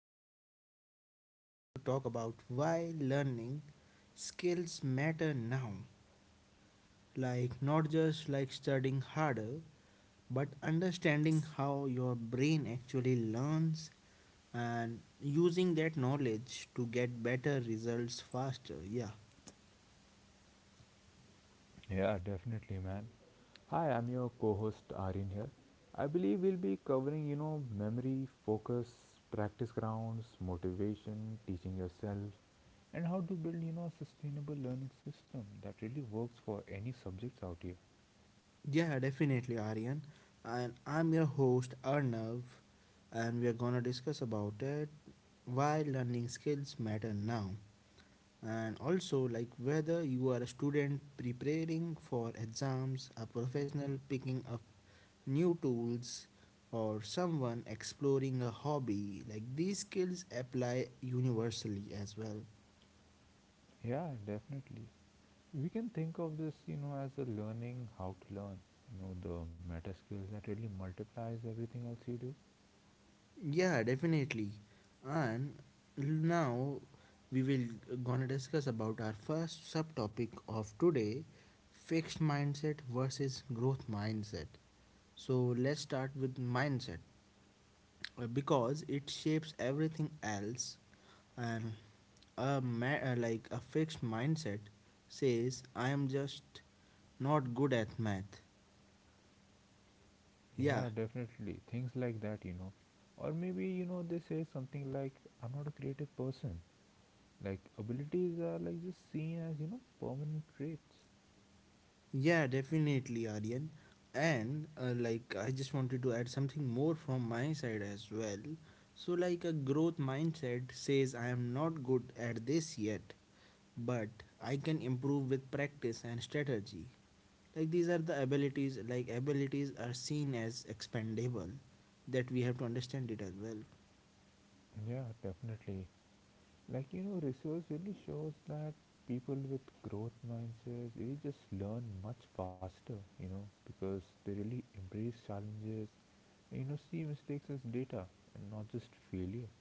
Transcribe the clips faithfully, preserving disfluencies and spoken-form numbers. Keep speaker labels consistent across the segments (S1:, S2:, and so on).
S1: we are going to, we're going to talk about why learning skills matter now. Like not just like studying harder, but understanding how your brain actually learns and using that knowledge to get better results faster. Yeah.
S2: Yeah, definitely, man. Hi, I'm your co-host Arin here. I believe we'll be covering, you know, memory, focus, practice grounds, motivation, teaching yourself, and how to build, you know, a sustainable learning system that really works for any subjects out here.
S1: Yeah, definitely, Aryan. And I'm your host, Arnav, and we are gonna discuss about it why learning skills matter now. And also, like whether you are a student preparing for exams, a professional picking up new tools, or someone exploring a hobby, like these skills apply universally as well.
S2: Yeah, definitely. We can think of this, you know, as a learning how to learn, you know, the meta skills that really multiplies everything else you do.
S1: Yeah, definitely. And now we will gonna discuss about our first subtopic of today, fixed mindset versus growth mindset. So let's start with mindset uh, because it shapes everything else and a ma- uh, like a fixed mindset says I am just not good at math. Yeah,
S2: Yeah, definitely. Things like that, you know. Or maybe, you know, they say something like, I'm not a creative person. Like, abilities are like just seen as, you know, permanent traits.
S1: yeah, definitely, Aryan. And uh, like, I just wanted to add something more from my side as well. So, like, a growth mindset says, I am not good at this yet, but I can improve with practice and strategy. Like, these are the abilities, like, abilities are seen as expendable, that we have to understand it as well.
S2: Yeah, definitely. Like, you know, research really shows that people with growth mindsets really just learn much faster, you know, because they really embrace challenges, you know, see mistakes as data and not just failure.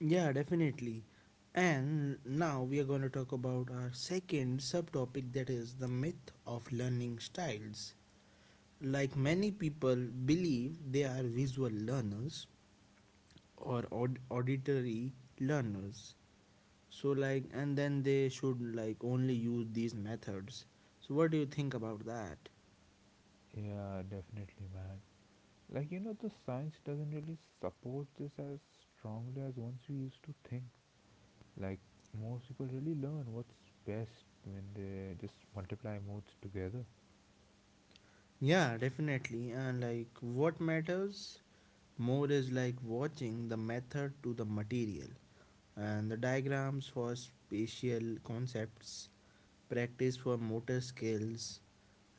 S1: Yeah, definitely. And now we are going to talk about our second subtopic that is the myth of learning styles. Like many people believe they are visual learners or aud- auditory learners. So like and then they should like only use these methods. So what do you think about that?
S2: Yeah, definitely, man. Like, you know, the science doesn't really support this as strongly as once we used to think. Like, most people really learn what's best when they just multiply modes together.
S1: Yeah, definitely. And like what matters more is like watching the method to the material and the diagrams for spatial concepts, practice for motor skills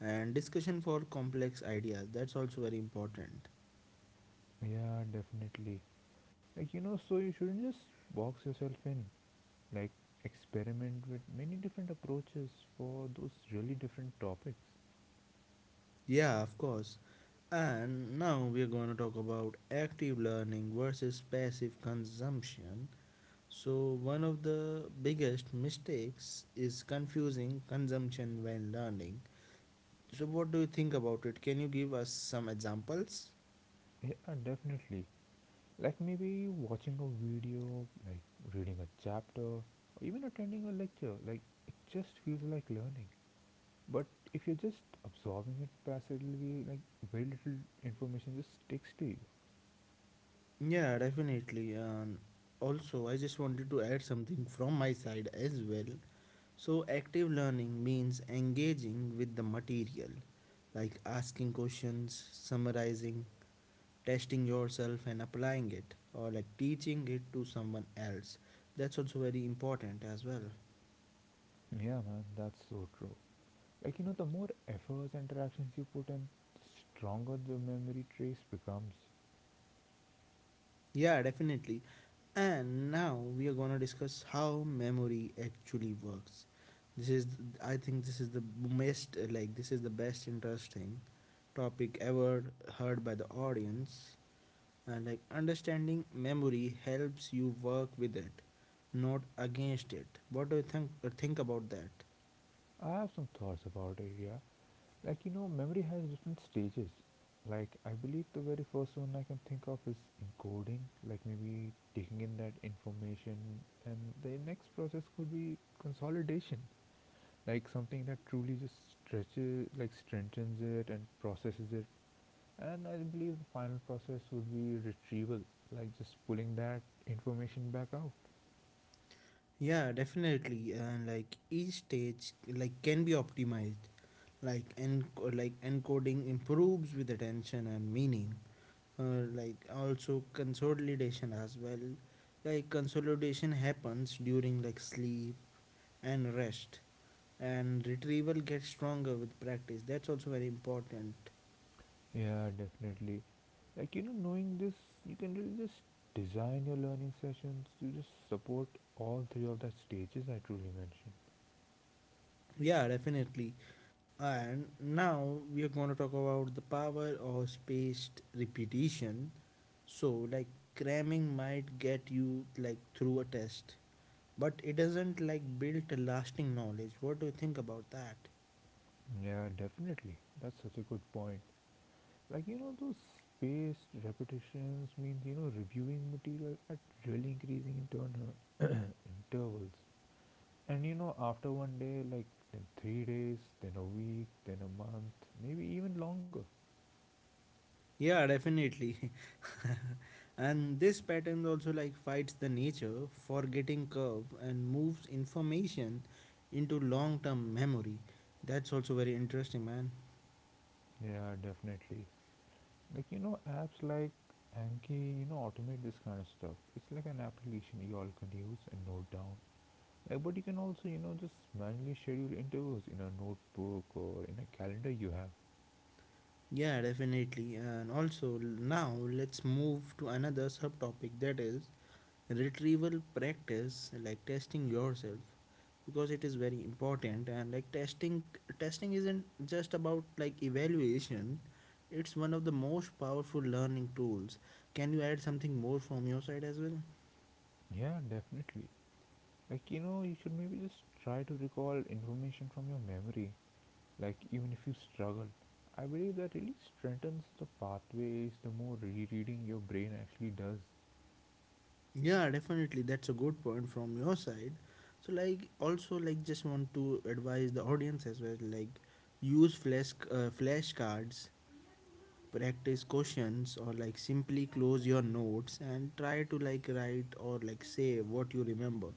S1: and discussion for complex ideas. That's also very important.
S2: Yeah, definitely. Like, you know, so you shouldn't just box yourself in. Like, experiment with many different approaches for those really different topics.
S1: Yeah, of course. And now we are going to talk about active learning versus passive consumption. So, one of the biggest mistakes is confusing consumption when learning. So, what do you think about it? Can you give us some examples?
S2: Yeah, definitely. Like, maybe watching a video, like, reading a chapter, or even attending a lecture. Like, it just feels like learning. But if you're just absorbing it passively, like very little information just sticks to you.
S1: Yeah, definitely. And also, I just wanted to add something from my side as well. So, active learning means engaging with the material, like asking questions, summarizing, testing yourself and applying it or like teaching it to someone else. That's also very important as well.
S2: Yeah, man, that's so true. Like, you know, the more efforts and interactions you put in, the stronger the memory trace becomes.
S1: Yeah, definitely. And now we are going to discuss how memory actually works. This is I think this is the best like this is the best interesting topic ever heard by the audience. And like understanding memory helps you work with it, not against it. What do you think think about that?
S2: I have some thoughts about it, yeah. Like, you know, memory has different stages. Like, I believe the very first one I can think of is encoding, like maybe taking in that information, and the next process could be consolidation, like something that truly just stretches, like strengthens it and processes it. And I believe the final process would be retrieval, like just pulling that information back out.
S1: Yeah, definitely. And like each stage like can be optimized. Like en- like encoding improves with attention and meaning. Uh, like also consolidation as well. Like consolidation happens during like sleep and rest. And retrieval gets stronger with practice. That's also very important.
S2: Yeah, definitely. Like, you know, knowing this, you can really just design your learning sessions to just support all three of the stages I truly mentioned.
S1: Yeah, definitely. And now we are going to talk about the power of spaced repetition. So, like cramming might get you like through a test, but it doesn't like build a lasting knowledge. What do you think about that?
S2: Yeah, definitely, that's such a good point. Like, you know, those spaced repetitions means, you know, reviewing material at really increasing internal intervals. And you know, after one day, like then three days, then a week, then a month, maybe even longer.
S1: Yeah, definitely. And this pattern also like fights the nature forgetting curve and moves information into long-term memory. That's also very interesting, man.
S2: Yeah, definitely. Like, you know, apps like Anki, you know, automate this kind of stuff. It's like an application you all can use and note down. Like, but you can also, you know, just manually schedule interviews in a notebook or in a calendar you have.
S1: Yeah, definitely. And also now let's move to another subtopic that is retrieval practice, like testing yourself. Because it is very important, and like testing testing isn't just about like evaluation. It's one of the most powerful learning tools. Can you add something more from your side as well?
S2: Yeah, definitely. Like, you know, you should maybe just try to recall information from your memory, like even if you struggle, I believe that really strengthens the pathways the more rereading your brain actually does.
S1: Yeah, definitely. That's a good point from your side. So like also like just want to advise the audience as well, like use flash uh, flashcards, practice questions, or like simply close your notes and try to like write or like say what you remember.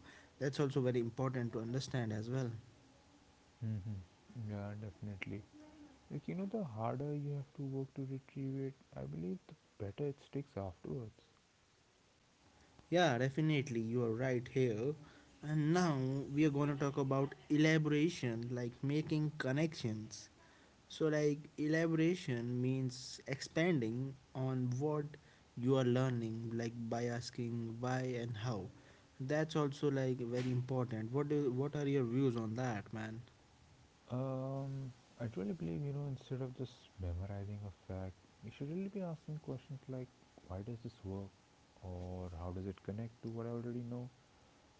S1: That's also very important to understand as well.
S2: Hmm, yeah, definitely. Like, you know, the harder you have to work to retrieve it, I believe the better it sticks afterwards.
S1: Yeah, definitely, you are right here. And now we are going to talk about elaboration, like making connections. So, like, elaboration means expanding on what you are learning, like by asking why and how. That's also like very important. What do what are your views on that, man?
S2: um I truly believe, you know, instead of just memorizing a fact, you should really be asking questions like, why does this work, or how does it connect to what I already know,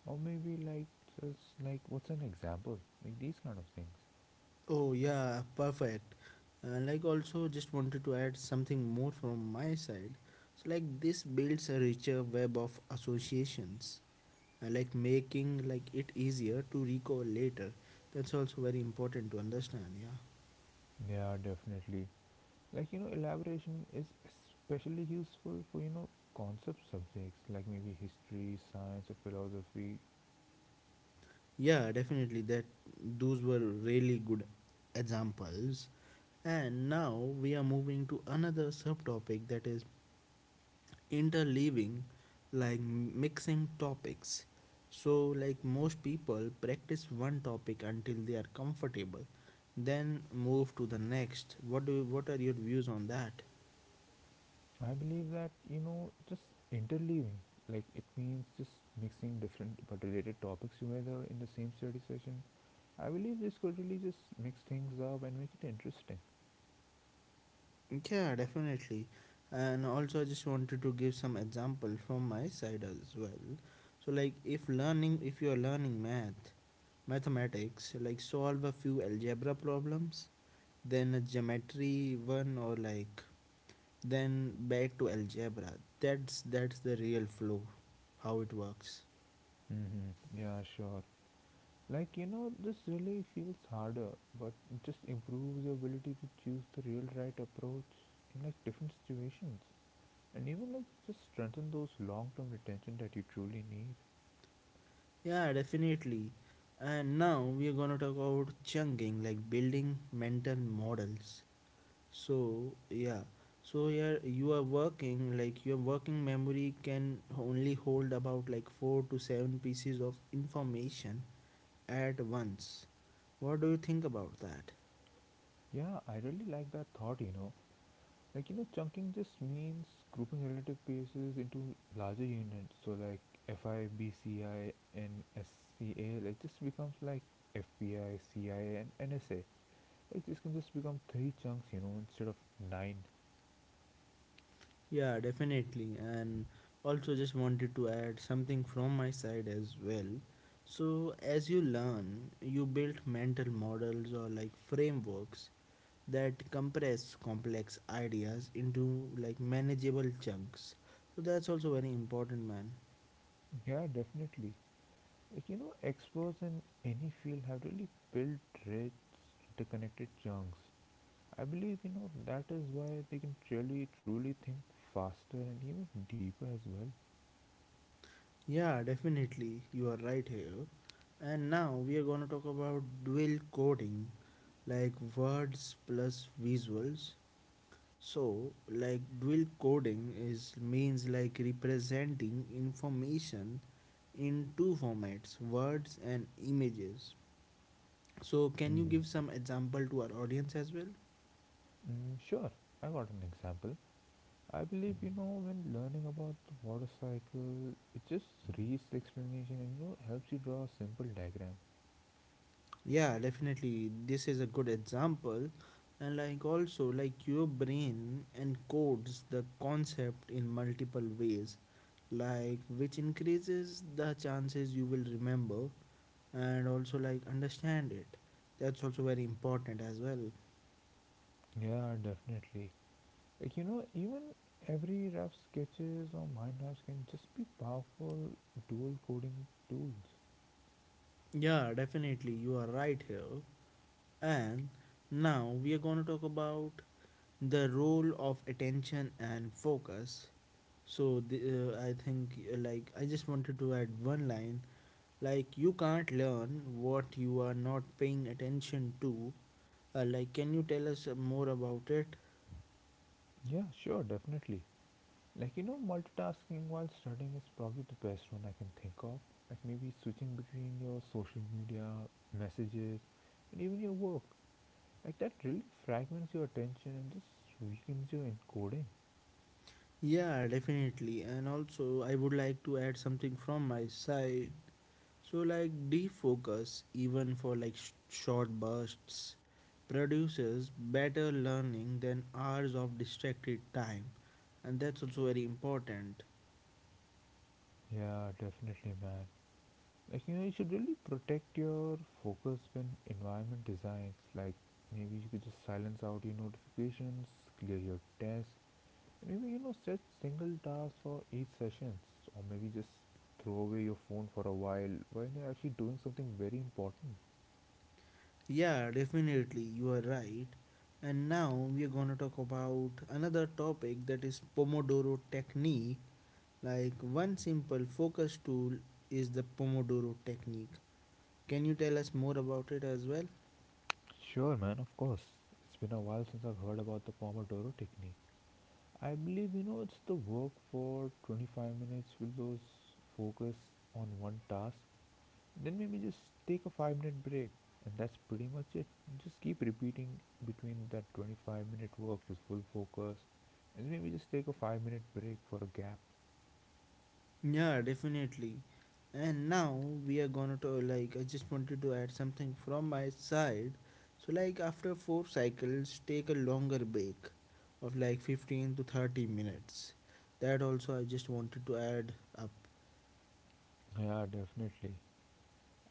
S2: or maybe like, just like what's an example, like these kind of things.
S1: Oh yeah, perfect. Uh, like also just wanted to add something more from my side. So like this builds a richer web of associations, uh, like making like it easier to recall later. That's also very important to understand. Yeah,
S2: Yeah, definitely. Like, you know, elaboration is especially useful for, you know, concept subjects like maybe history, science, or philosophy.
S1: yeah, definitely. That Those were really good examples. And now we are moving to another subtopic that is interleaving, like mixing topics. So like most people practice one topic until they are comfortable, then move to the next. What do what are your views on that?
S2: I believe that, you know, just interleaving, like, it means just mixing different but related topics together in the same study session. I believe this could really just mix things up and make it interesting.
S1: Yeah, definitely. And also I just wanted to give some example from my side as well. So like if learning if you are learning math mathematics, like solve a few algebra problems, then a geometry one, or like then back to algebra. That's that's the real flow, how it works.
S2: Mm-hmm. Yeah, sure. Like, you know, this really feels harder, but it just improves your ability to choose the real right approach in like different situations. And even like just strengthen those long term retention that you truly need.
S1: Yeah, definitely. And now we are gonna talk about chunking, like building mental models. So yeah, so here you are working like your working memory can only hold about like four to seven pieces of information at once. What do you think about that?
S2: Yeah, I really like that thought, you know. Like, you know, chunking just means grouping relative pieces into larger units. So, like F I B C I and S C A, like, this becomes like F B I C I A and N S A. Like, this can just become three chunks, you know, instead of nine.
S1: Yeah, definitely. And also, just wanted to add something from my side as well. So, as you learn, you build mental models or like frameworks that compress complex ideas into like manageable chunks. So, that's also very important, man.
S2: Yeah, definitely. Like, you know, experts in any field have really built rich, interconnected chunks. I believe, you know, that is why they can really, truly think faster and even deeper as well.
S1: Yeah, definitely. You are right here. And now we are going to talk about dual coding, like words plus visuals. So, like dual coding is means like representing information in two formats, words and images. So, can you
S2: Hmm.
S1: give some example to our audience as well?
S2: Mm, sure, I got an example. I believe, you know, when learning about the water cycle, it just reads the explanation and, you know, helps you draw a simple diagram.
S1: Yeah, definitely. This is a good example. And like also like your brain encodes the concept in multiple ways, like which increases the chances you will remember and also like understand it. That's also very important as well.
S2: Yeah, definitely. Like, you know, even every rough sketches or mind maps can just be powerful dual coding tools.
S1: Yeah, definitely. You are right here. And now we are going to talk about the role of attention and focus. So the, uh, I think uh, like I just wanted to add one line, like you can't learn what you are not paying attention to. Uh, like can you tell us uh, more about it?
S2: Yeah, sure, definitely. Like, you know, multitasking while studying is probably the best one I can think of. Like maybe switching between your social media, messages, and even your work. Like that really fragments your attention and just weakens your encoding.
S1: Yeah, definitely. And also I would like to add something from my side. So like defocus even for like sh- short bursts produces better learning than hours of distracted time, and that's also very important.
S2: Yeah, definitely, man. Like, you know, you should really protect your focus when environment designs. Like maybe you could just silence out your notifications, clear your desk, and maybe, you know, set single tasks for each sessions, or maybe just throw away your phone for a while when you're actually doing something very important.
S1: Yeah, definitely, you are right. And now we are going to talk about another topic that is Pomodoro technique. Like one simple focus tool is the Pomodoro technique. Can you tell us more about it as well?
S2: Sure, man. Of course, it's been a while since I've heard about the Pomodoro technique. I believe, you know, it's the work for twenty-five minutes with those focus on one task, then maybe just take a five minute break, and that's pretty much it. Just keep repeating between that twenty-five minute work with full focus and maybe just take a five minute break for a gap.
S1: Yeah, definitely. And now we are gonna to like I just wanted to add something from my side. So like after four cycles, take a longer break of like fifteen to thirty minutes. That also I just wanted to add up.
S2: Yeah, definitely.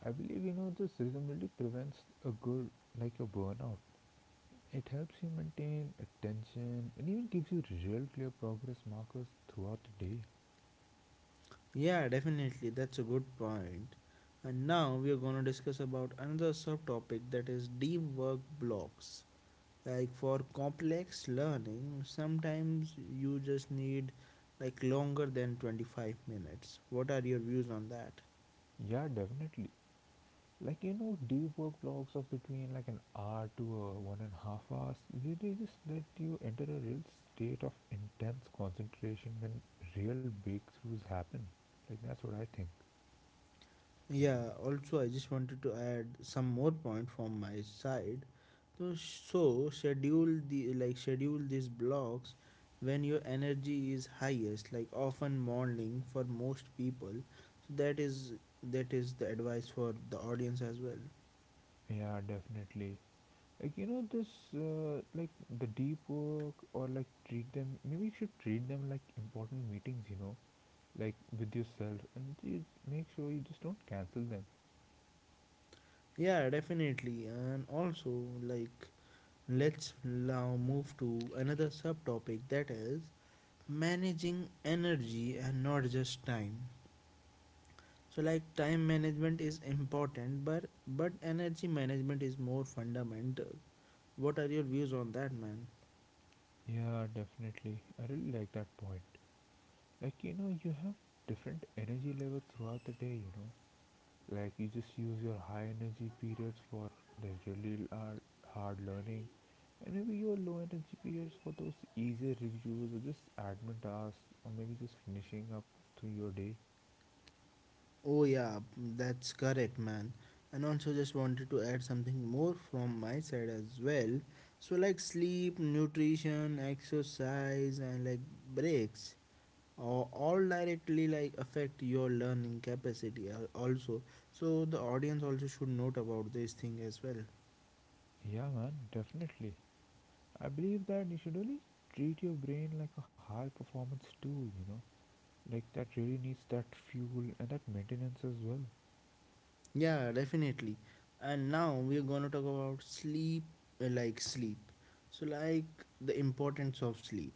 S2: I believe, you know, this rhythm really prevents a good, like a burnout. It helps you maintain attention and even gives you real clear progress markers throughout the day.
S1: Yeah, definitely. That's a good point. And now we are gonna discuss about another subtopic that is deep work blocks. Like for complex learning sometimes you just need like longer than twenty-five minutes. What are your views on that?
S2: Yeah, definitely. Like, you know, deep work blocks of between like an hour to a one and a half hours? They, they just let you enter a real state of intense concentration when real breakthroughs happen. Like that's what I think.
S1: Yeah, also I just wanted to add some more point from my side. So, so schedule the like schedule these blocks when your energy is highest, like often morning for most people. So that is that is the advice for the audience as well.
S2: Yeah, definitely. Like, you know, this uh, like the deep work, or like treat them. Maybe you should treat them like important meetings. You know, like with yourself, and you make sure you just don't cancel them.
S1: Yeah, definitely. And also like let's now move to another subtopic that is managing energy and not just time. So like time management is important, but but energy management is more fundamental. What are your views on that, man?
S2: Yeah, definitely. I really like that point. Like, you know, you have different energy levels throughout the day, you know, like you just use your high energy periods for the really hard, hard learning, and maybe your low energy periods for those easier reviews or just admin tasks or maybe just finishing up through your day.
S1: Oh yeah, that's correct, man. And also just wanted to add something more from my side as well. So like sleep, nutrition, exercise and like breaks or all directly like affect your learning capacity, al- also. So the audience also should note about this thing as well.
S2: Yeah, man, definitely. I believe that you should really treat your brain like a high performance tool, you know, like that really needs that fuel and that maintenance as well.
S1: Yeah, definitely. And now we're going to talk about sleep, uh, like sleep. So, like the importance of sleep.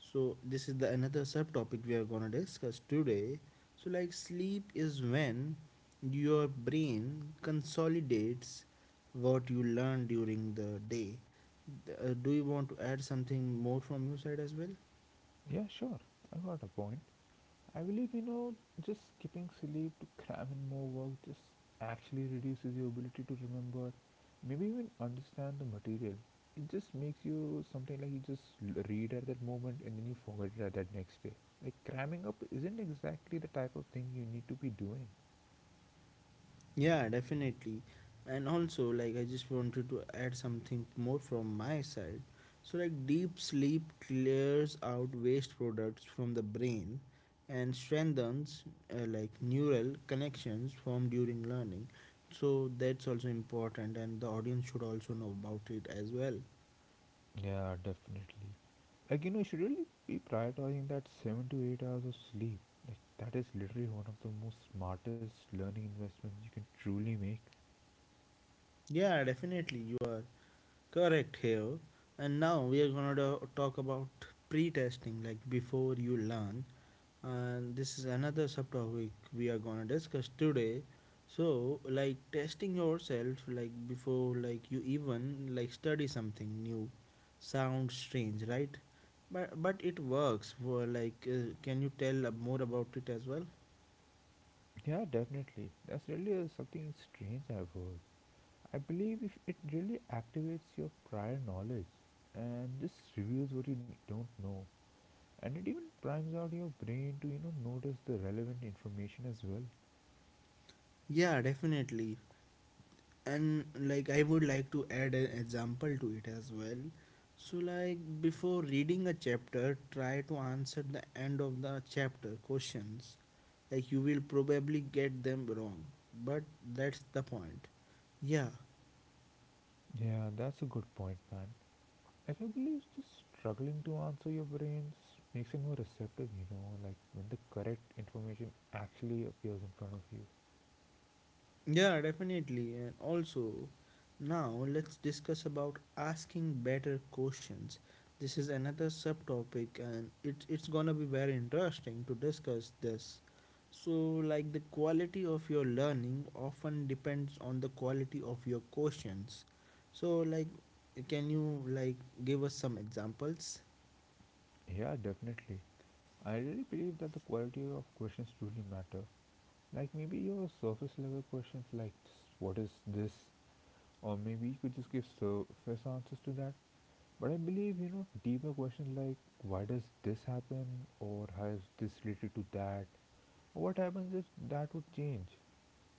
S1: So, this is the another subtopic we are going to discuss today. So, like sleep is when your brain consolidates what you learn during the day. Th- uh, do you want to add something more from your side as well?
S2: Yeah, sure, I got a point. I believe, you know, just skipping sleep to cram in more work just actually reduces your ability to remember, maybe even understand the material. It just makes you something like you just l- read at that moment and then you forget it at that next day. Like cramming up isn't exactly the type of thing you need to be doing.
S1: Yeah, definitely. And also, like, I just wanted to add something more from my side. So, like, deep sleep clears out waste products from the brain and strengthens, uh, like, neural connections formed during learning. So, that's also important, and the audience should also know about it as well.
S2: Yeah, definitely. Like, you know, you should really be prioritizing that seven to eight hours of sleep. Like, that is literally one of the most smartest learning investments you can truly make.
S1: Yeah, definitely, you are correct here. And now we are gonna do- talk about pre testing, like, before you learn. And this is another subtopic we are gonna discuss today. So, like testing yourself, like before, like you even like study something new, sounds strange, right? But but it works. For like, uh, can you tell uh, more about it as well?
S2: Yeah, definitely. That's really uh, something strange I've heard. I believe if it really activates your prior knowledge, and this reveals what you don't know, and it even primes out your brain to, you know, notice the relevant information as well.
S1: Yeah, definitely. And like I would like to add an example to it as well. So like before reading a chapter, try to answer the end of the chapter questions. Like you will probably get them wrong, but that's the point. Yeah.
S2: Yeah, that's a good point, man. Like I believe just struggling to answer, your brain just makes it more receptive, you know, like when the correct information actually appears in front of you.
S1: Yeah, definitely. And also, now let's discuss about asking better questions. This is another subtopic, and it, it's gonna be very interesting to discuss this. So, like the quality of your learning often depends on the quality of your questions. So, like, can you like give us some examples?
S2: Yeah, definitely. I really believe that the quality of questions truly matter. Like maybe your surface level questions like what is this, or maybe you could just give surface answers to that. But I believe, you know, deeper questions like why does this happen, or how is this related to that, or what happens if that would change.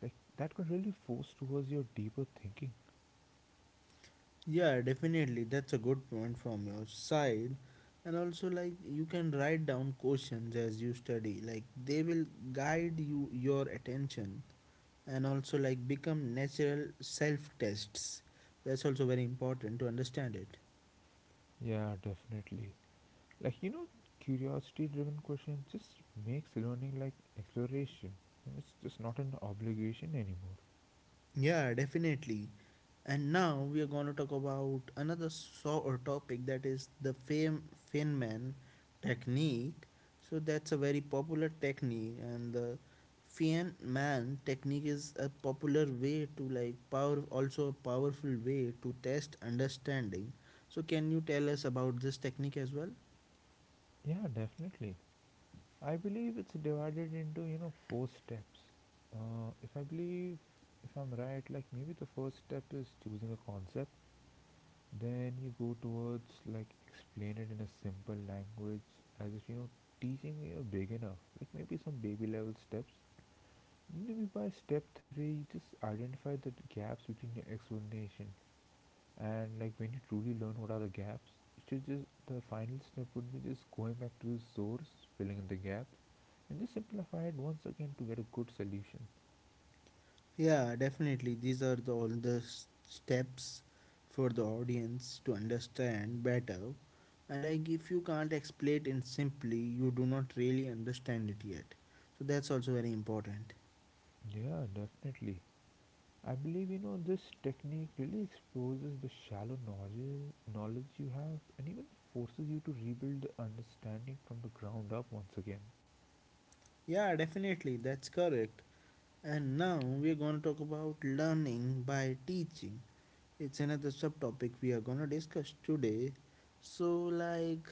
S2: Like that could really force towards your deeper thinking.
S1: Yeah, definitely. That's a good point from your side. And also, like, you can write down questions as you study. Like, they will guide you your attention and also, like, become natural self tests. That's also very important to understand it.
S2: Yeah, definitely. Like, you know, curiosity-driven questions just makes learning like exploration, and it's just not an obligation anymore.
S1: Yeah, definitely. And now we are going to talk about another so or topic that is the fame Feynman technique. So that's a very popular technique, and the Feynman technique is a popular way to like power, also a powerful way to test understanding. So can you tell us about this technique as well?
S2: Yeah, definitely. I believe it's divided into, you know, four steps. Uh, if I believe, if I'm right, like maybe the first step is choosing a concept. Then you go towards like explain it in a simple language, as if you know teaching a beginner. Like maybe some baby level steps. Maybe by step three, you just identify the gaps between your explanation, and like when you truly learn what are the gaps, it should just the final step would be just going back to the source, filling in the gaps, and just simplify it once again to get a good solution.
S1: Yeah, definitely. These are the, all the s- steps for the audience to understand better. And like if you can't explain it simply, you do not really understand it yet. So that's also very important.
S2: Yeah, definitely. I believe you know this technique really exposes the shallow knowledge knowledge you have and even forces you to rebuild the understanding from the ground up once again.
S1: Yeah, definitely. That's correct. And now we're going to talk about learning by teaching. It's another subtopic we are going to discuss today. So like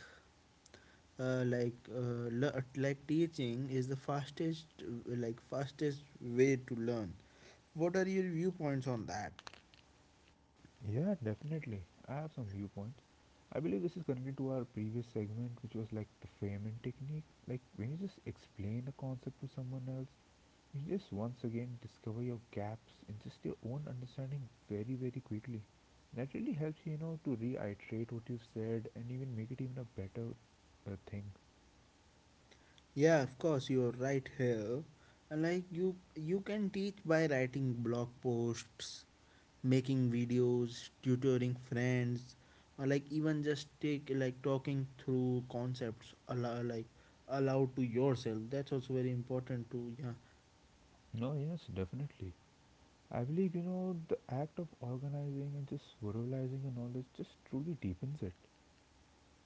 S1: uh, like uh, le- like teaching is the fastest like fastest way to learn. What are your viewpoints on that?
S2: Yeah, definitely. I have some viewpoints. I believe this is connected to our previous segment, which was like the framing technique. Like when you just explain a concept to someone else, you just once again discover your gaps in just your own understanding very, very quickly. That really helps you, you know, to reiterate what you've said and even make it even a better uh, thing.
S1: Yeah, of course you are right here. And like you you can teach by writing blog posts, making videos, tutoring friends, or like even just take like talking through concepts allow, like aloud to yourself. That's also very important to yeah.
S2: No, yes, definitely. I believe, you know, the act of organizing and just verbalizing your knowledge just truly deepens it.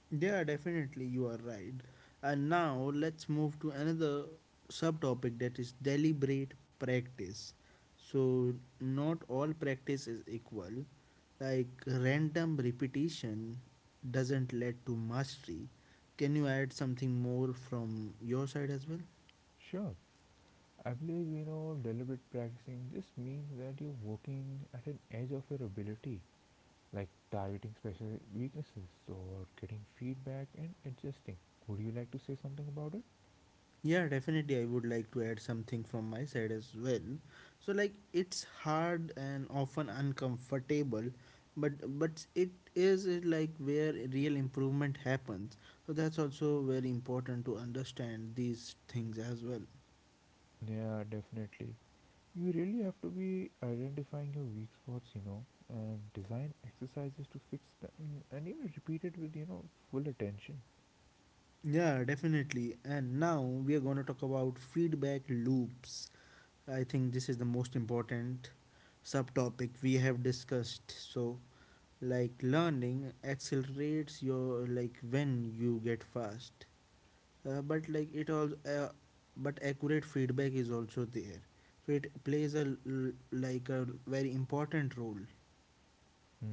S1: Yeah, definitely, you are right. And now let's move to another subtopic that is deliberate practice. So, not all practice is equal. Like, random repetition doesn't lead to mastery. Can you add something more from your side as well?
S2: Sure. I believe you know deliberate practicing just means that you're working at an edge of your ability, like targeting special weaknesses or getting feedback and adjusting. Would you like to say something about it?
S1: Yeah, definitely. I would like to add something from my side as well. So, like, it's hard and often uncomfortable, but but it is uh, like where real improvement happens. So that's also very important to understand these things as well.
S2: Yeah, definitely. You really have to be identifying your weak spots, you know, and design exercises to fix them and even repeat it with, you know, full attention.
S1: Yeah, definitely. And now we are going to talk about feedback loops. I think this is the most important subtopic we have discussed. So, like learning accelerates your like when you get fast uh, but like it all uh, but accurate feedback is also there, so it plays a l- like a very important role.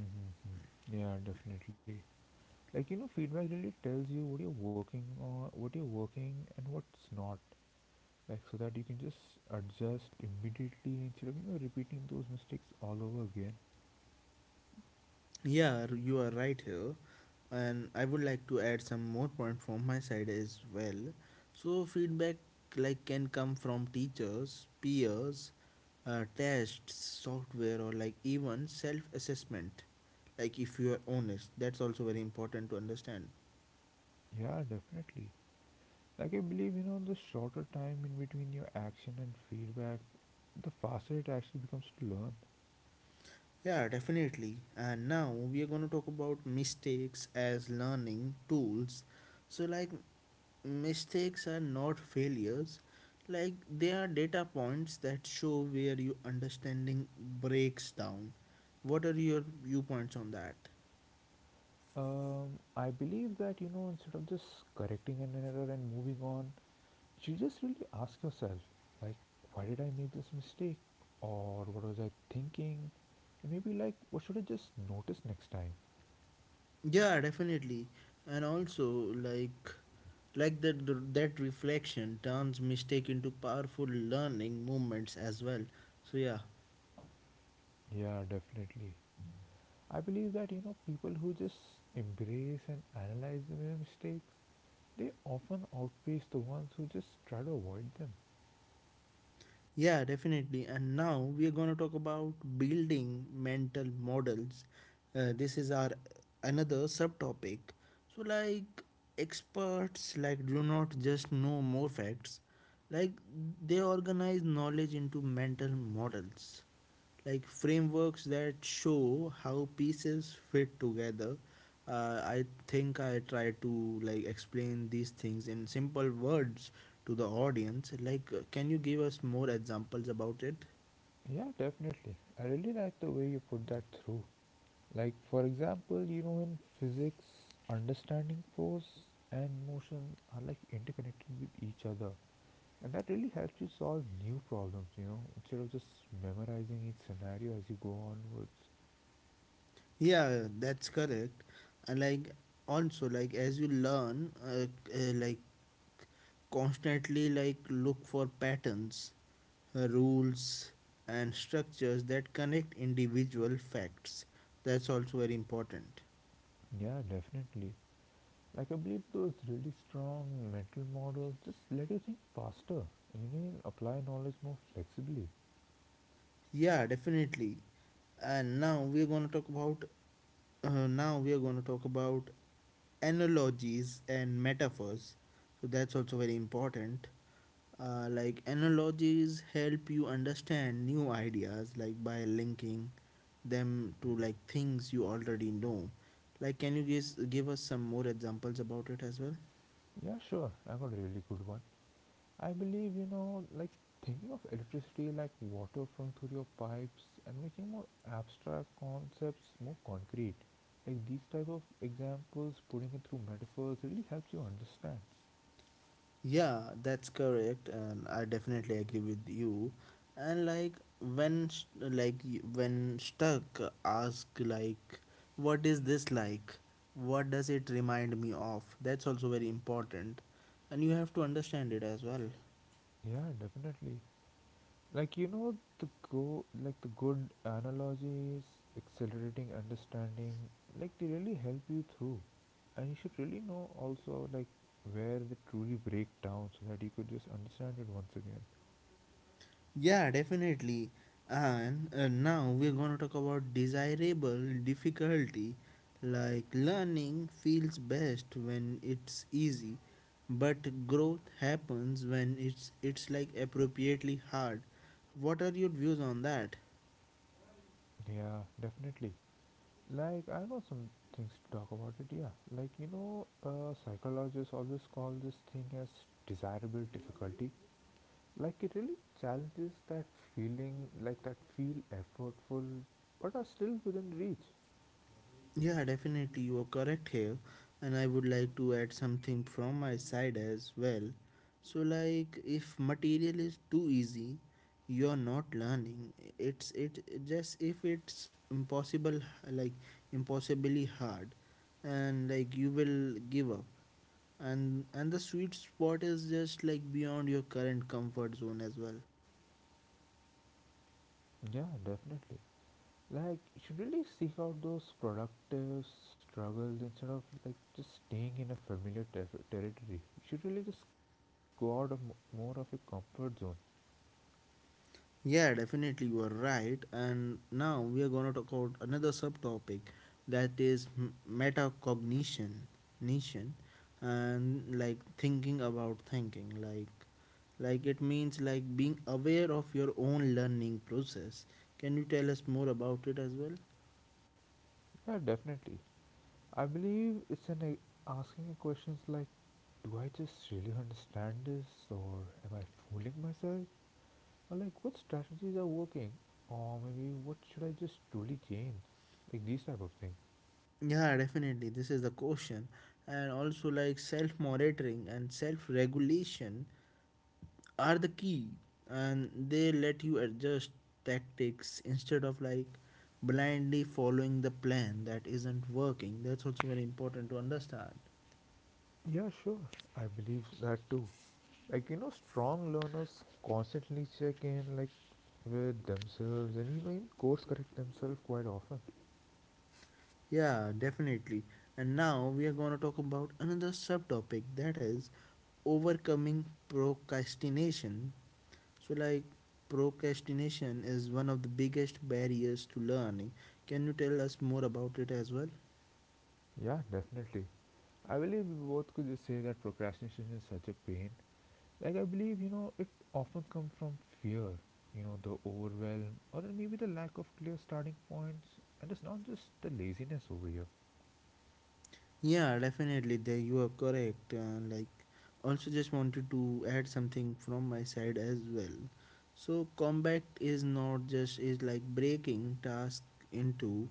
S2: Mm-hmm. Yeah, definitely. Like you know, feedback really tells you what you're working on, what you're working, and what's not. Like so that you can just adjust immediately instead of, you know, repeating those mistakes all over again.
S1: Yeah, r- you are right here. And I would like to add some more point from my side as well. So feedback like can come from teachers, peers, uh, tests, software, or like even self-assessment. Like if you are honest, that's also very important to understand.
S2: Yeah, definitely. Like I believe, you know, the shorter time in between your action and feedback, the faster it actually becomes to learn.
S1: Yeah, definitely. And now we are going to talk about mistakes as learning tools. So, like mistakes are not failures, like they are data points that show where your understanding breaks down. What are your viewpoints on that?
S2: um I believe that, you know, instead of just correcting an error and moving on, you just really ask yourself, like, why did I make this mistake, or what was I thinking, and maybe like what should I just notice next time.
S1: Yeah, definitely. And also, like like that that reflection turns mistake into powerful learning moments as well. So yeah.
S2: Yeah, definitely. I believe that you know people who just embrace and analyze their mistakes, they often outpace the ones who just try to avoid them.
S1: Yeah, definitely. And now we are going to talk about building mental models. Uh, this is our another subtopic. So, like experts, like do not just know more facts. Like they organize knowledge into mental models, like frameworks that show how pieces fit together. uh, I think I try to like explain these things in simple words to the audience, like uh, can you give us more examples about it?
S2: Yeah, definitely. I really like the way you put that through. Like for example, you know in physics, understanding force and motion are like interconnected with each other. And that really helps you solve new problems, you know, instead of just memorizing each scenario as you go onwards.
S1: Yeah, that's correct. And like also, like as you learn uh, uh, like constantly like look for patterns, uh, rules, and structures that connect individual facts. That's also very important.
S2: Yeah, definitely. Like I believe those really strong mental models just let you think faster and you can apply knowledge more flexibly.
S1: Yeah, definitely. And now we are going to talk about uh, now we are going to talk about analogies and metaphors. So that's also very important. Uh, like analogies help you understand new ideas like by linking them to like things you already know. Like can you guys give us some more examples about it as well?
S2: Yeah, sure, I got a really good one. I believe, you know, like thinking of electricity like water flowing through your pipes and making more abstract concepts more concrete. Like these type of examples, putting it through metaphors really helps you understand.
S1: Yeah, that's correct, and I definitely agree with you. And like when st- like y- when stuck, ask like, what is this like? What does it remind me of? That's also very important, and you have to understand it as well.
S2: Yeah, definitely. Like you know the go like the good analogies, accelerating understanding, like they really help you through. And you should really know also like where they truly break down so that you could just understand it once again.
S1: Yeah, definitely. And uh, now we're going to talk about desirable difficulty. Like learning feels best when it's easy, but growth happens when it's it's like appropriately hard. What are your views on that?
S2: Yeah, definitely. Like I got some things to talk about it, yeah. Like you know, uh, psychologists always call this thing as desirable difficulty. Like it really challenges that feeling like that feel effortful but are still within reach.
S1: Yeah, definitely, you are correct here, and I would like to add something from my side as well. So, like, if material is too easy, you are not learning. It's it it just if it's impossible, like impossibly hard, and like you will give up. And and the sweet spot is just like beyond your current comfort zone as well.
S2: Yeah, definitely. Like you should really seek out those productive struggles instead of like just staying in a familiar ter- territory. You should really just go out of mo- more of your comfort zone.
S1: Yeah, definitely you are right. And now we are going to talk about another subtopic that is m- metacognition, nation, and like thinking about thinking. Like, like it means like being aware of your own learning process. Can you tell us more about it as well?
S2: Yeah, definitely. I believe it's an a- asking a questions like, do I just really understand this, or am I fooling myself, or like what strategies are working, or maybe what should I just truly change, like these type of things.
S1: Yeah, definitely. This is the question. And also, like self monitoring and self regulation are the key, and they let you adjust tactics instead of like blindly following the plan that isn't working. That's also very important to understand.
S2: Yeah, sure. I believe that too. Like you know strong learners constantly check in like with themselves and you even course correct themselves quite often.
S1: Yeah, definitely. And now we are going to talk about another subtopic that is overcoming procrastination. So like procrastination is one of the biggest barriers to learning. Can you tell us more about it as well?
S2: Yeah, definitely. I believe we both could just say that procrastination is such a pain. Like I believe, you know, it often comes from fear, you know, the overwhelm or then maybe the lack of clear starting points, and it's not just the laziness over here.
S1: Yeah, definitely. There you are correct. Uh, like, also just wanted to add something from my side as well. So combat is not just is like breaking task into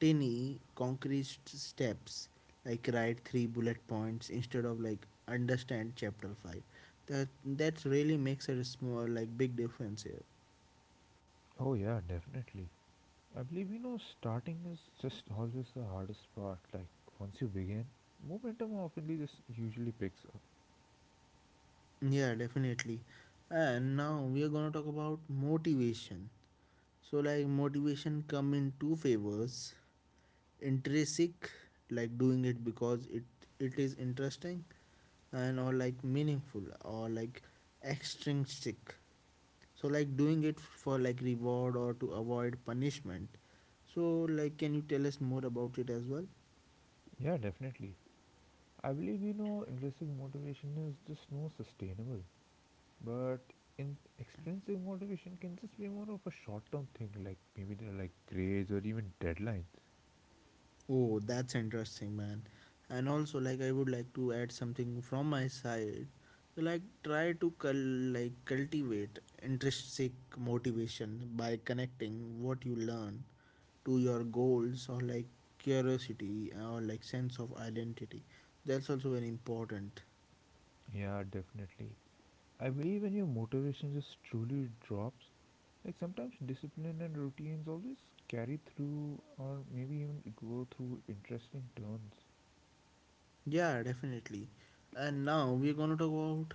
S1: tiny concrete steps. Like write three bullet points instead of like understand chapter five. That that really makes a small like big difference here.
S2: Oh yeah, definitely. I believe you know starting is just always the hardest part, like once you begin, momentum often just usually picks.
S1: Yeah, definitely. And now we are gonna talk about motivation. So like motivation come in two favors. Intrinsic, like doing it because it it is interesting and or like meaningful, or like extrinsic. So like doing it for like reward or to avoid punishment. So like can you tell us more about it as well?
S2: Yeah, definitely. I believe you know intrinsic motivation is just more sustainable, but in extrinsic motivation can just be more of a short-term thing, like maybe they're like grades or even deadlines.
S1: Oh, that's interesting, man. And also, like, I would like to add something from my side. Like, try to cul- like cultivate intrinsic motivation by connecting what you learn to your goals or like curiosity or like sense of identity. That's also very important.
S2: Yeah, definitely. I believe when your motivation just truly drops, like sometimes discipline and routines always carry through or maybe even go through interesting turns.
S1: Yeah, definitely. And now we're going to talk about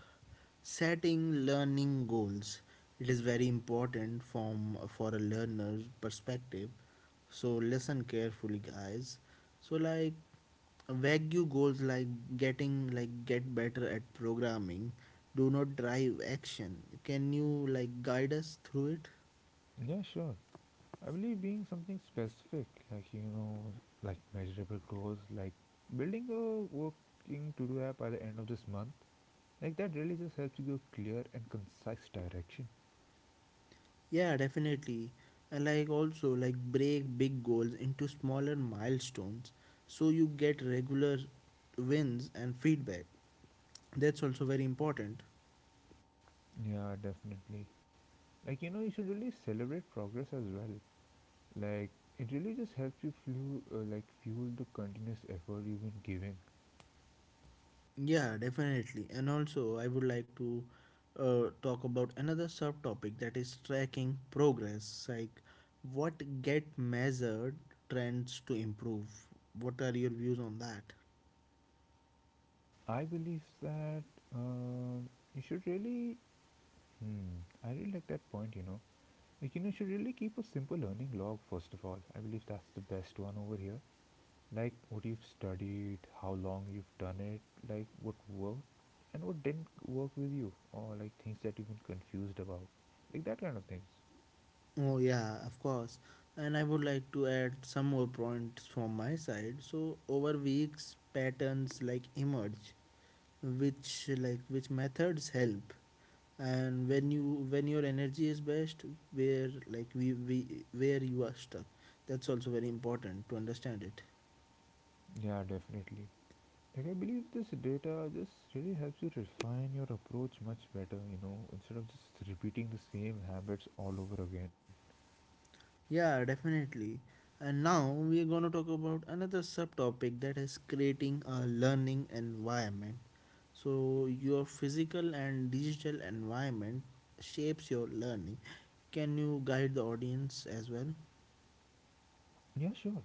S1: setting learning goals. It is very important from for a learner's perspective. So listen carefully, guys. So like vague goals like getting like get better at programming do not drive action. Can you like guide us through it?
S2: Yeah, sure. I believe being something specific, like you know, like measurable goals, like building a working to do app by the end of this month, like that really just helps you give clear and concise direction.
S1: Yeah, definitely. I like also like break big goals into smaller milestones so you get regular wins and feedback. That's also very important.
S2: Yeah, definitely. Like you know, you should really celebrate progress as well. Like it really just helps you fuel, uh, like fuel the continuous effort you've been giving.
S1: Yeah, definitely. And also, I would like to uh, talk about another subtopic that is tracking progress, like what get measured trends to improve. What are your views on that?
S2: I believe that um, you should really. Hmm, I really like that point. You know, like, you know, you should really keep a simple learning log, first of all. I believe that's the best one over here. Like, what you've studied, how long you've done it, like, what worked and what didn't work with you, or like things that you've been confused about. Like, that kind of things.
S1: Oh, yeah, of course. And I would like to add some more points from my side. So over weeks, patterns like emerge, which like which methods help. And when you when your energy is best, where like we, we where you are stuck, that's also very important to understand it.
S2: Yeah, definitely. Like, I believe this data just really helps you refine your approach much better, you know, instead of just repeating the same habits all over again.
S1: Yeah, definitely. And now we are gonna talk about another subtopic that is creating a learning environment. So, your physical and digital environment shapes your learning. Can you guide the audience as well?
S2: Yeah, sure.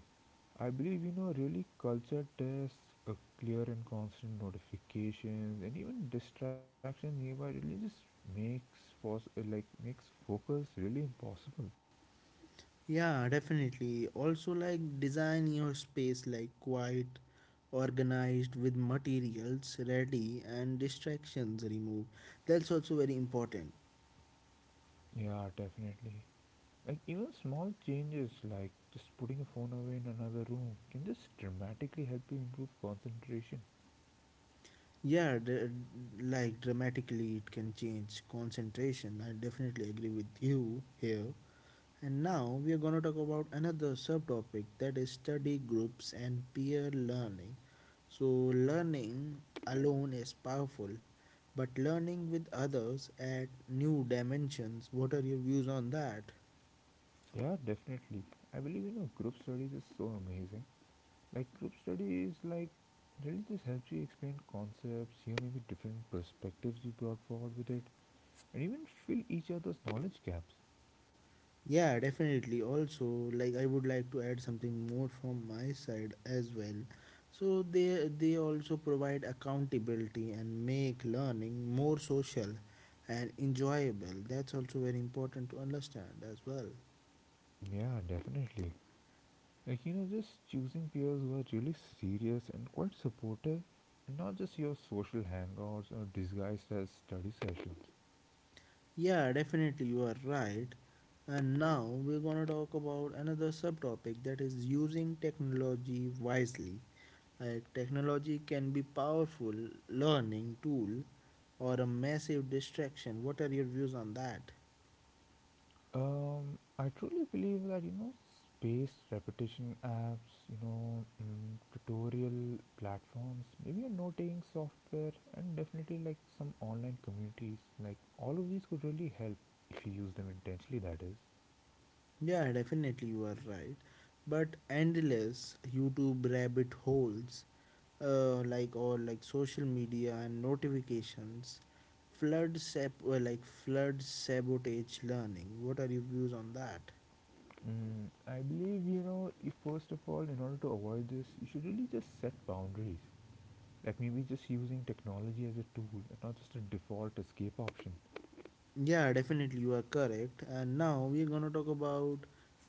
S2: I believe you know really culture tests, a clear and constant notifications, and even distractions nearby really just makes pos- uh, like makes focus really impossible.
S1: Yeah, definitely. Also, like design your space like quiet, organized with materials ready and distractions removed. That's also very important.
S2: Yeah, definitely. Like even small changes like just putting a phone away in another room can just dramatically help you improve concentration.
S1: Yeah, dr- like dramatically, it can change concentration. I definitely agree with you here. And now we are going to talk about another subtopic that is study groups and peer learning. So, learning alone is powerful, but learning with others add new dimensions. What are your views on that?
S2: Yeah, definitely. I believe you know group studies is so amazing. Like group studies, like really just helps you explain concepts, hear maybe different perspectives you brought forward with it, and even fill each other's knowledge gaps.
S1: Yeah, definitely. Also, like I would like to add something more from my side as well. So they they also provide accountability and make learning more social and enjoyable. That's also very important to understand as well.
S2: Yeah, definitely. Like you know, just choosing peers who are really serious and quite supportive, and not just your social hangouts or disguised as study sessions.
S1: Yeah, definitely, you are right. And now we're going to talk about another subtopic that is using technology wisely. Like, technology can be powerful learning tool or a massive distraction. What are your views on that?
S2: Um, I truly believe that you know spaced repetition apps, you know mm, tutorial platforms, maybe a noting software, and definitely like some online communities. Like all of these could really help if you use them intentionally. That is,
S1: Yeah, definitely you are right. But endless YouTube rabbit holes, uh, like or like social media and notifications, flood sab- uh, like flood sabotage learning. What are your views on that?
S2: mm, I believe you know if first of all, in order to avoid this, you should really just set boundaries. Like maybe just using technology as a tool and not just a default escape option.
S1: Yeah, definitely, you are correct. And now we're gonna talk about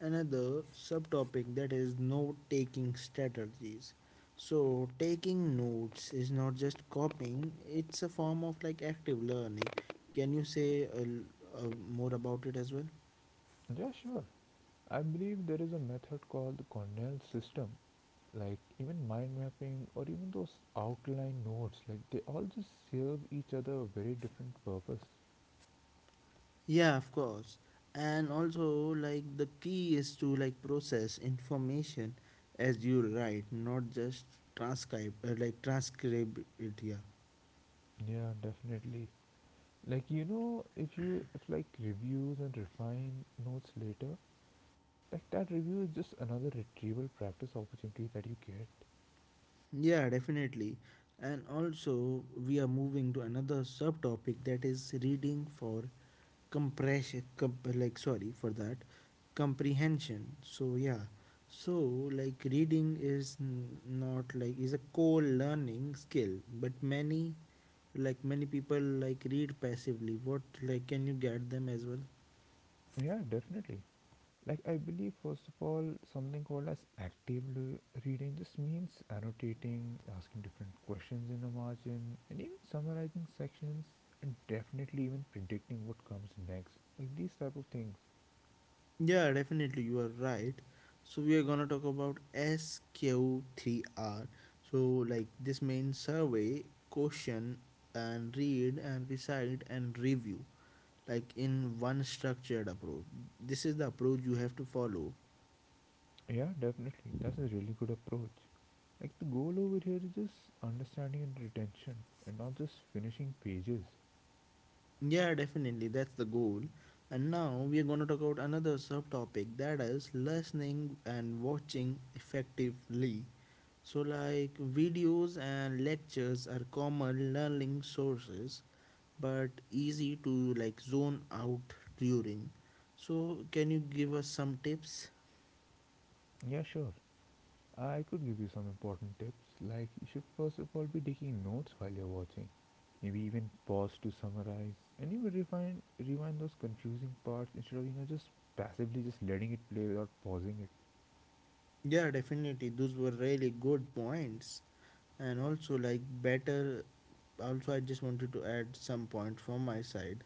S1: another subtopic that is note taking strategies. So, taking notes is not just copying, it's a form of like active learning. Can you say a l uh, more about it as well?
S2: Yeah, sure. I believe there is a method called the Cornell system, like even mind mapping or even those outline notes, like they all just serve each other a very different purpose.
S1: Yeah, of course. And also, like, the key is to like process information as you write, not just transcribe, uh, like transcribe it. Yeah.
S2: Yeah, definitely. Like you know if you if like reviews and refine notes later, like that review is just another retrieval practice opportunity that you get.
S1: Yeah, definitely. And also, we are moving to another subtopic that is reading for compression, comp- like, sorry for that, comprehension. So, yeah, so like reading is n- not like is a core learning skill, but many like many people like read passively. What like can you get them as well?
S2: Yeah, definitely. Like I believe first of all something called as active l- reading, this means annotating, asking different questions in the margin, and even summarizing sections, and definitely even predicting what comes next, like these type of things.
S1: Yeah, definitely, you are right. So we are gonna talk about S Q three R. So like this main survey, question and read and recite and review, like in one structured approach. This is the approach you have to follow.
S2: Yeah, definitely, that's a really good approach. Like the goal over here is just understanding and retention, and not just finishing pages.
S1: Yeah, definitely, that's the goal. And now we are gonna talk about another subtopic that is listening and watching effectively. So, like videos and lectures are common learning sources but easy to like zone out during. So, can you give us some tips?
S2: Yeah, sure. I could give you some important tips. Like, you should first of all be taking notes while you're watching. Maybe even pause to summarize and even refine, rewind those confusing parts instead of, you know, just passively just letting it play without pausing it.
S1: Yeah, definitely. Those were really good points. And also, like, better. Also, I just wanted to add some point from my side.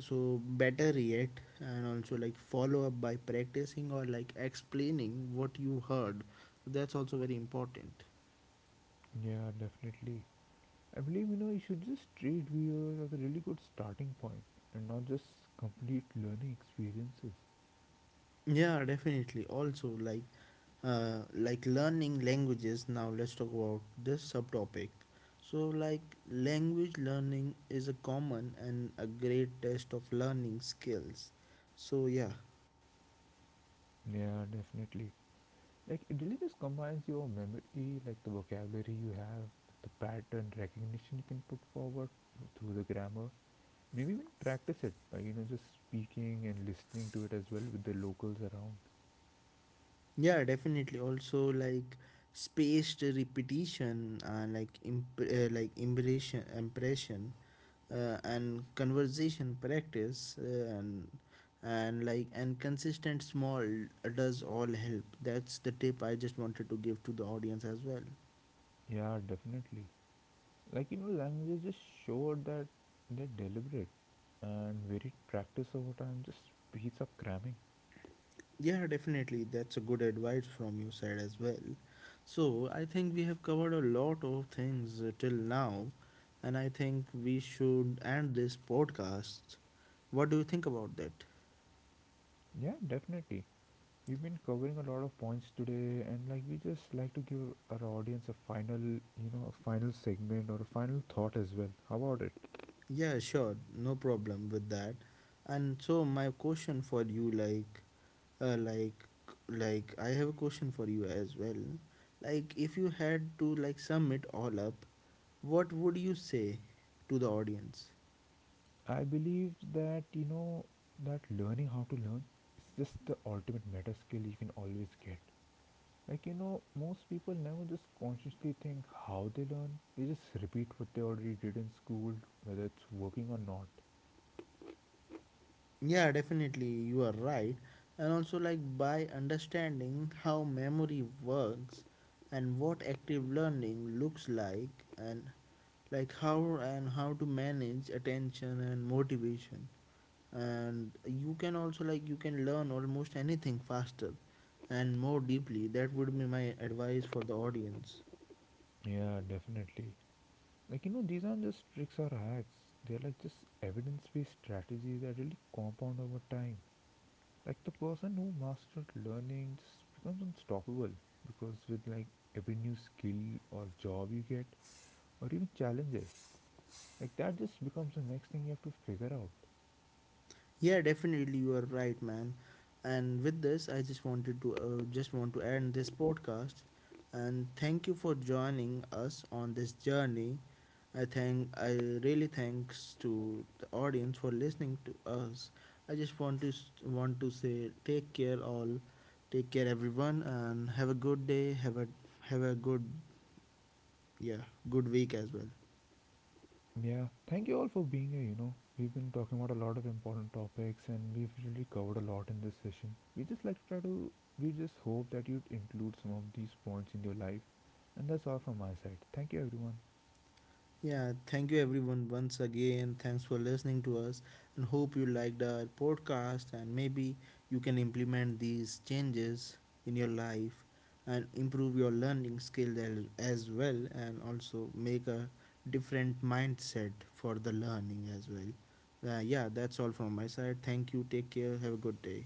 S1: So, better yet, and also like follow up by practicing or like explaining what you heard. That's also very important.
S2: Yeah, definitely. I believe, you know, you should just treat videos as a really good starting point and not just complete learning experiences.
S1: Yeah, definitely. Also, like, uh, like learning languages. Now let's talk about this subtopic. So like language learning is a common and a great test of learning skills. So yeah.
S2: Yeah, definitely. Like it really just combines your memory, like the vocabulary you have, the pattern recognition you can put forward through the grammar. Maybe even practice it by, you know, just speaking and listening to it as well with the locals around.
S1: Yeah, definitely. Also like spaced repetition, uh, like imp- uh, like impression impression uh, and conversation practice, uh, and and like and consistent small does all help. That's the tip I just wanted to give to the audience as well.
S2: Yeah, definitely. Like you know, languages just show that they're deliberate and varied practice over time just beats up cramming.
S1: Yeah, definitely. That's a good advice from your side as well. So, I think we have covered a lot of things uh, till now, and I think we should end this podcast. What do you think about that?
S2: Yeah, definitely. We've been covering a lot of points today, and like we just like to give our audience a final, you know, a final segment or a final thought as well. How about it?
S1: Yeah, sure. No problem with that. And so my question for you like uh, like like I have a question for you as well. Like if you had to like sum it all up, what would you say to the audience?
S2: I believe that you know that learning how to learn is just the ultimate meta skill you can always get. Like you know, most people never just consciously think how they learn. They just repeat what they already did in school, whether it's working or not.
S1: Yeah, definitely, you are right. And also, like by understanding how memory works and what active learning looks like, and like how and how to manage attention and motivation, and you can also like you can learn almost anything faster and more deeply. That would be my advice for the audience.
S2: Yeah, definitely. Like, you know, these aren't just tricks or hacks. They're like just evidence based strategies that really compound over time. Like, the person who mastered learning just becomes unstoppable because with like every new skill or job you get, or even challenges, like that just becomes the next thing you have to figure out.
S1: Yeah, definitely you are right, man. And with this, I just wanted to uh, just want to end this podcast and thank you for joining us on this journey. I thank I really thanks to the audience for listening to us. I just want to s- want to say take care all, take care everyone, and have a good day. Have a have a good yeah good week as well.
S2: Yeah, thank you all for being here. You know, we've been talking about a lot of important topics and we've really covered a lot in this session. We just like to try to, we just hope that you'd include some of these points in your life. And that's all from my side. Thank you, everyone.
S1: Yeah, thank you everyone once again. Thanks for listening to us and hope you liked our podcast and maybe you can implement these changes in your life and improve your learning skills as as well and also make a different mindset for the learning as well. Uh, yeah, that's all from my side. Thank you. Take care. Have a good day.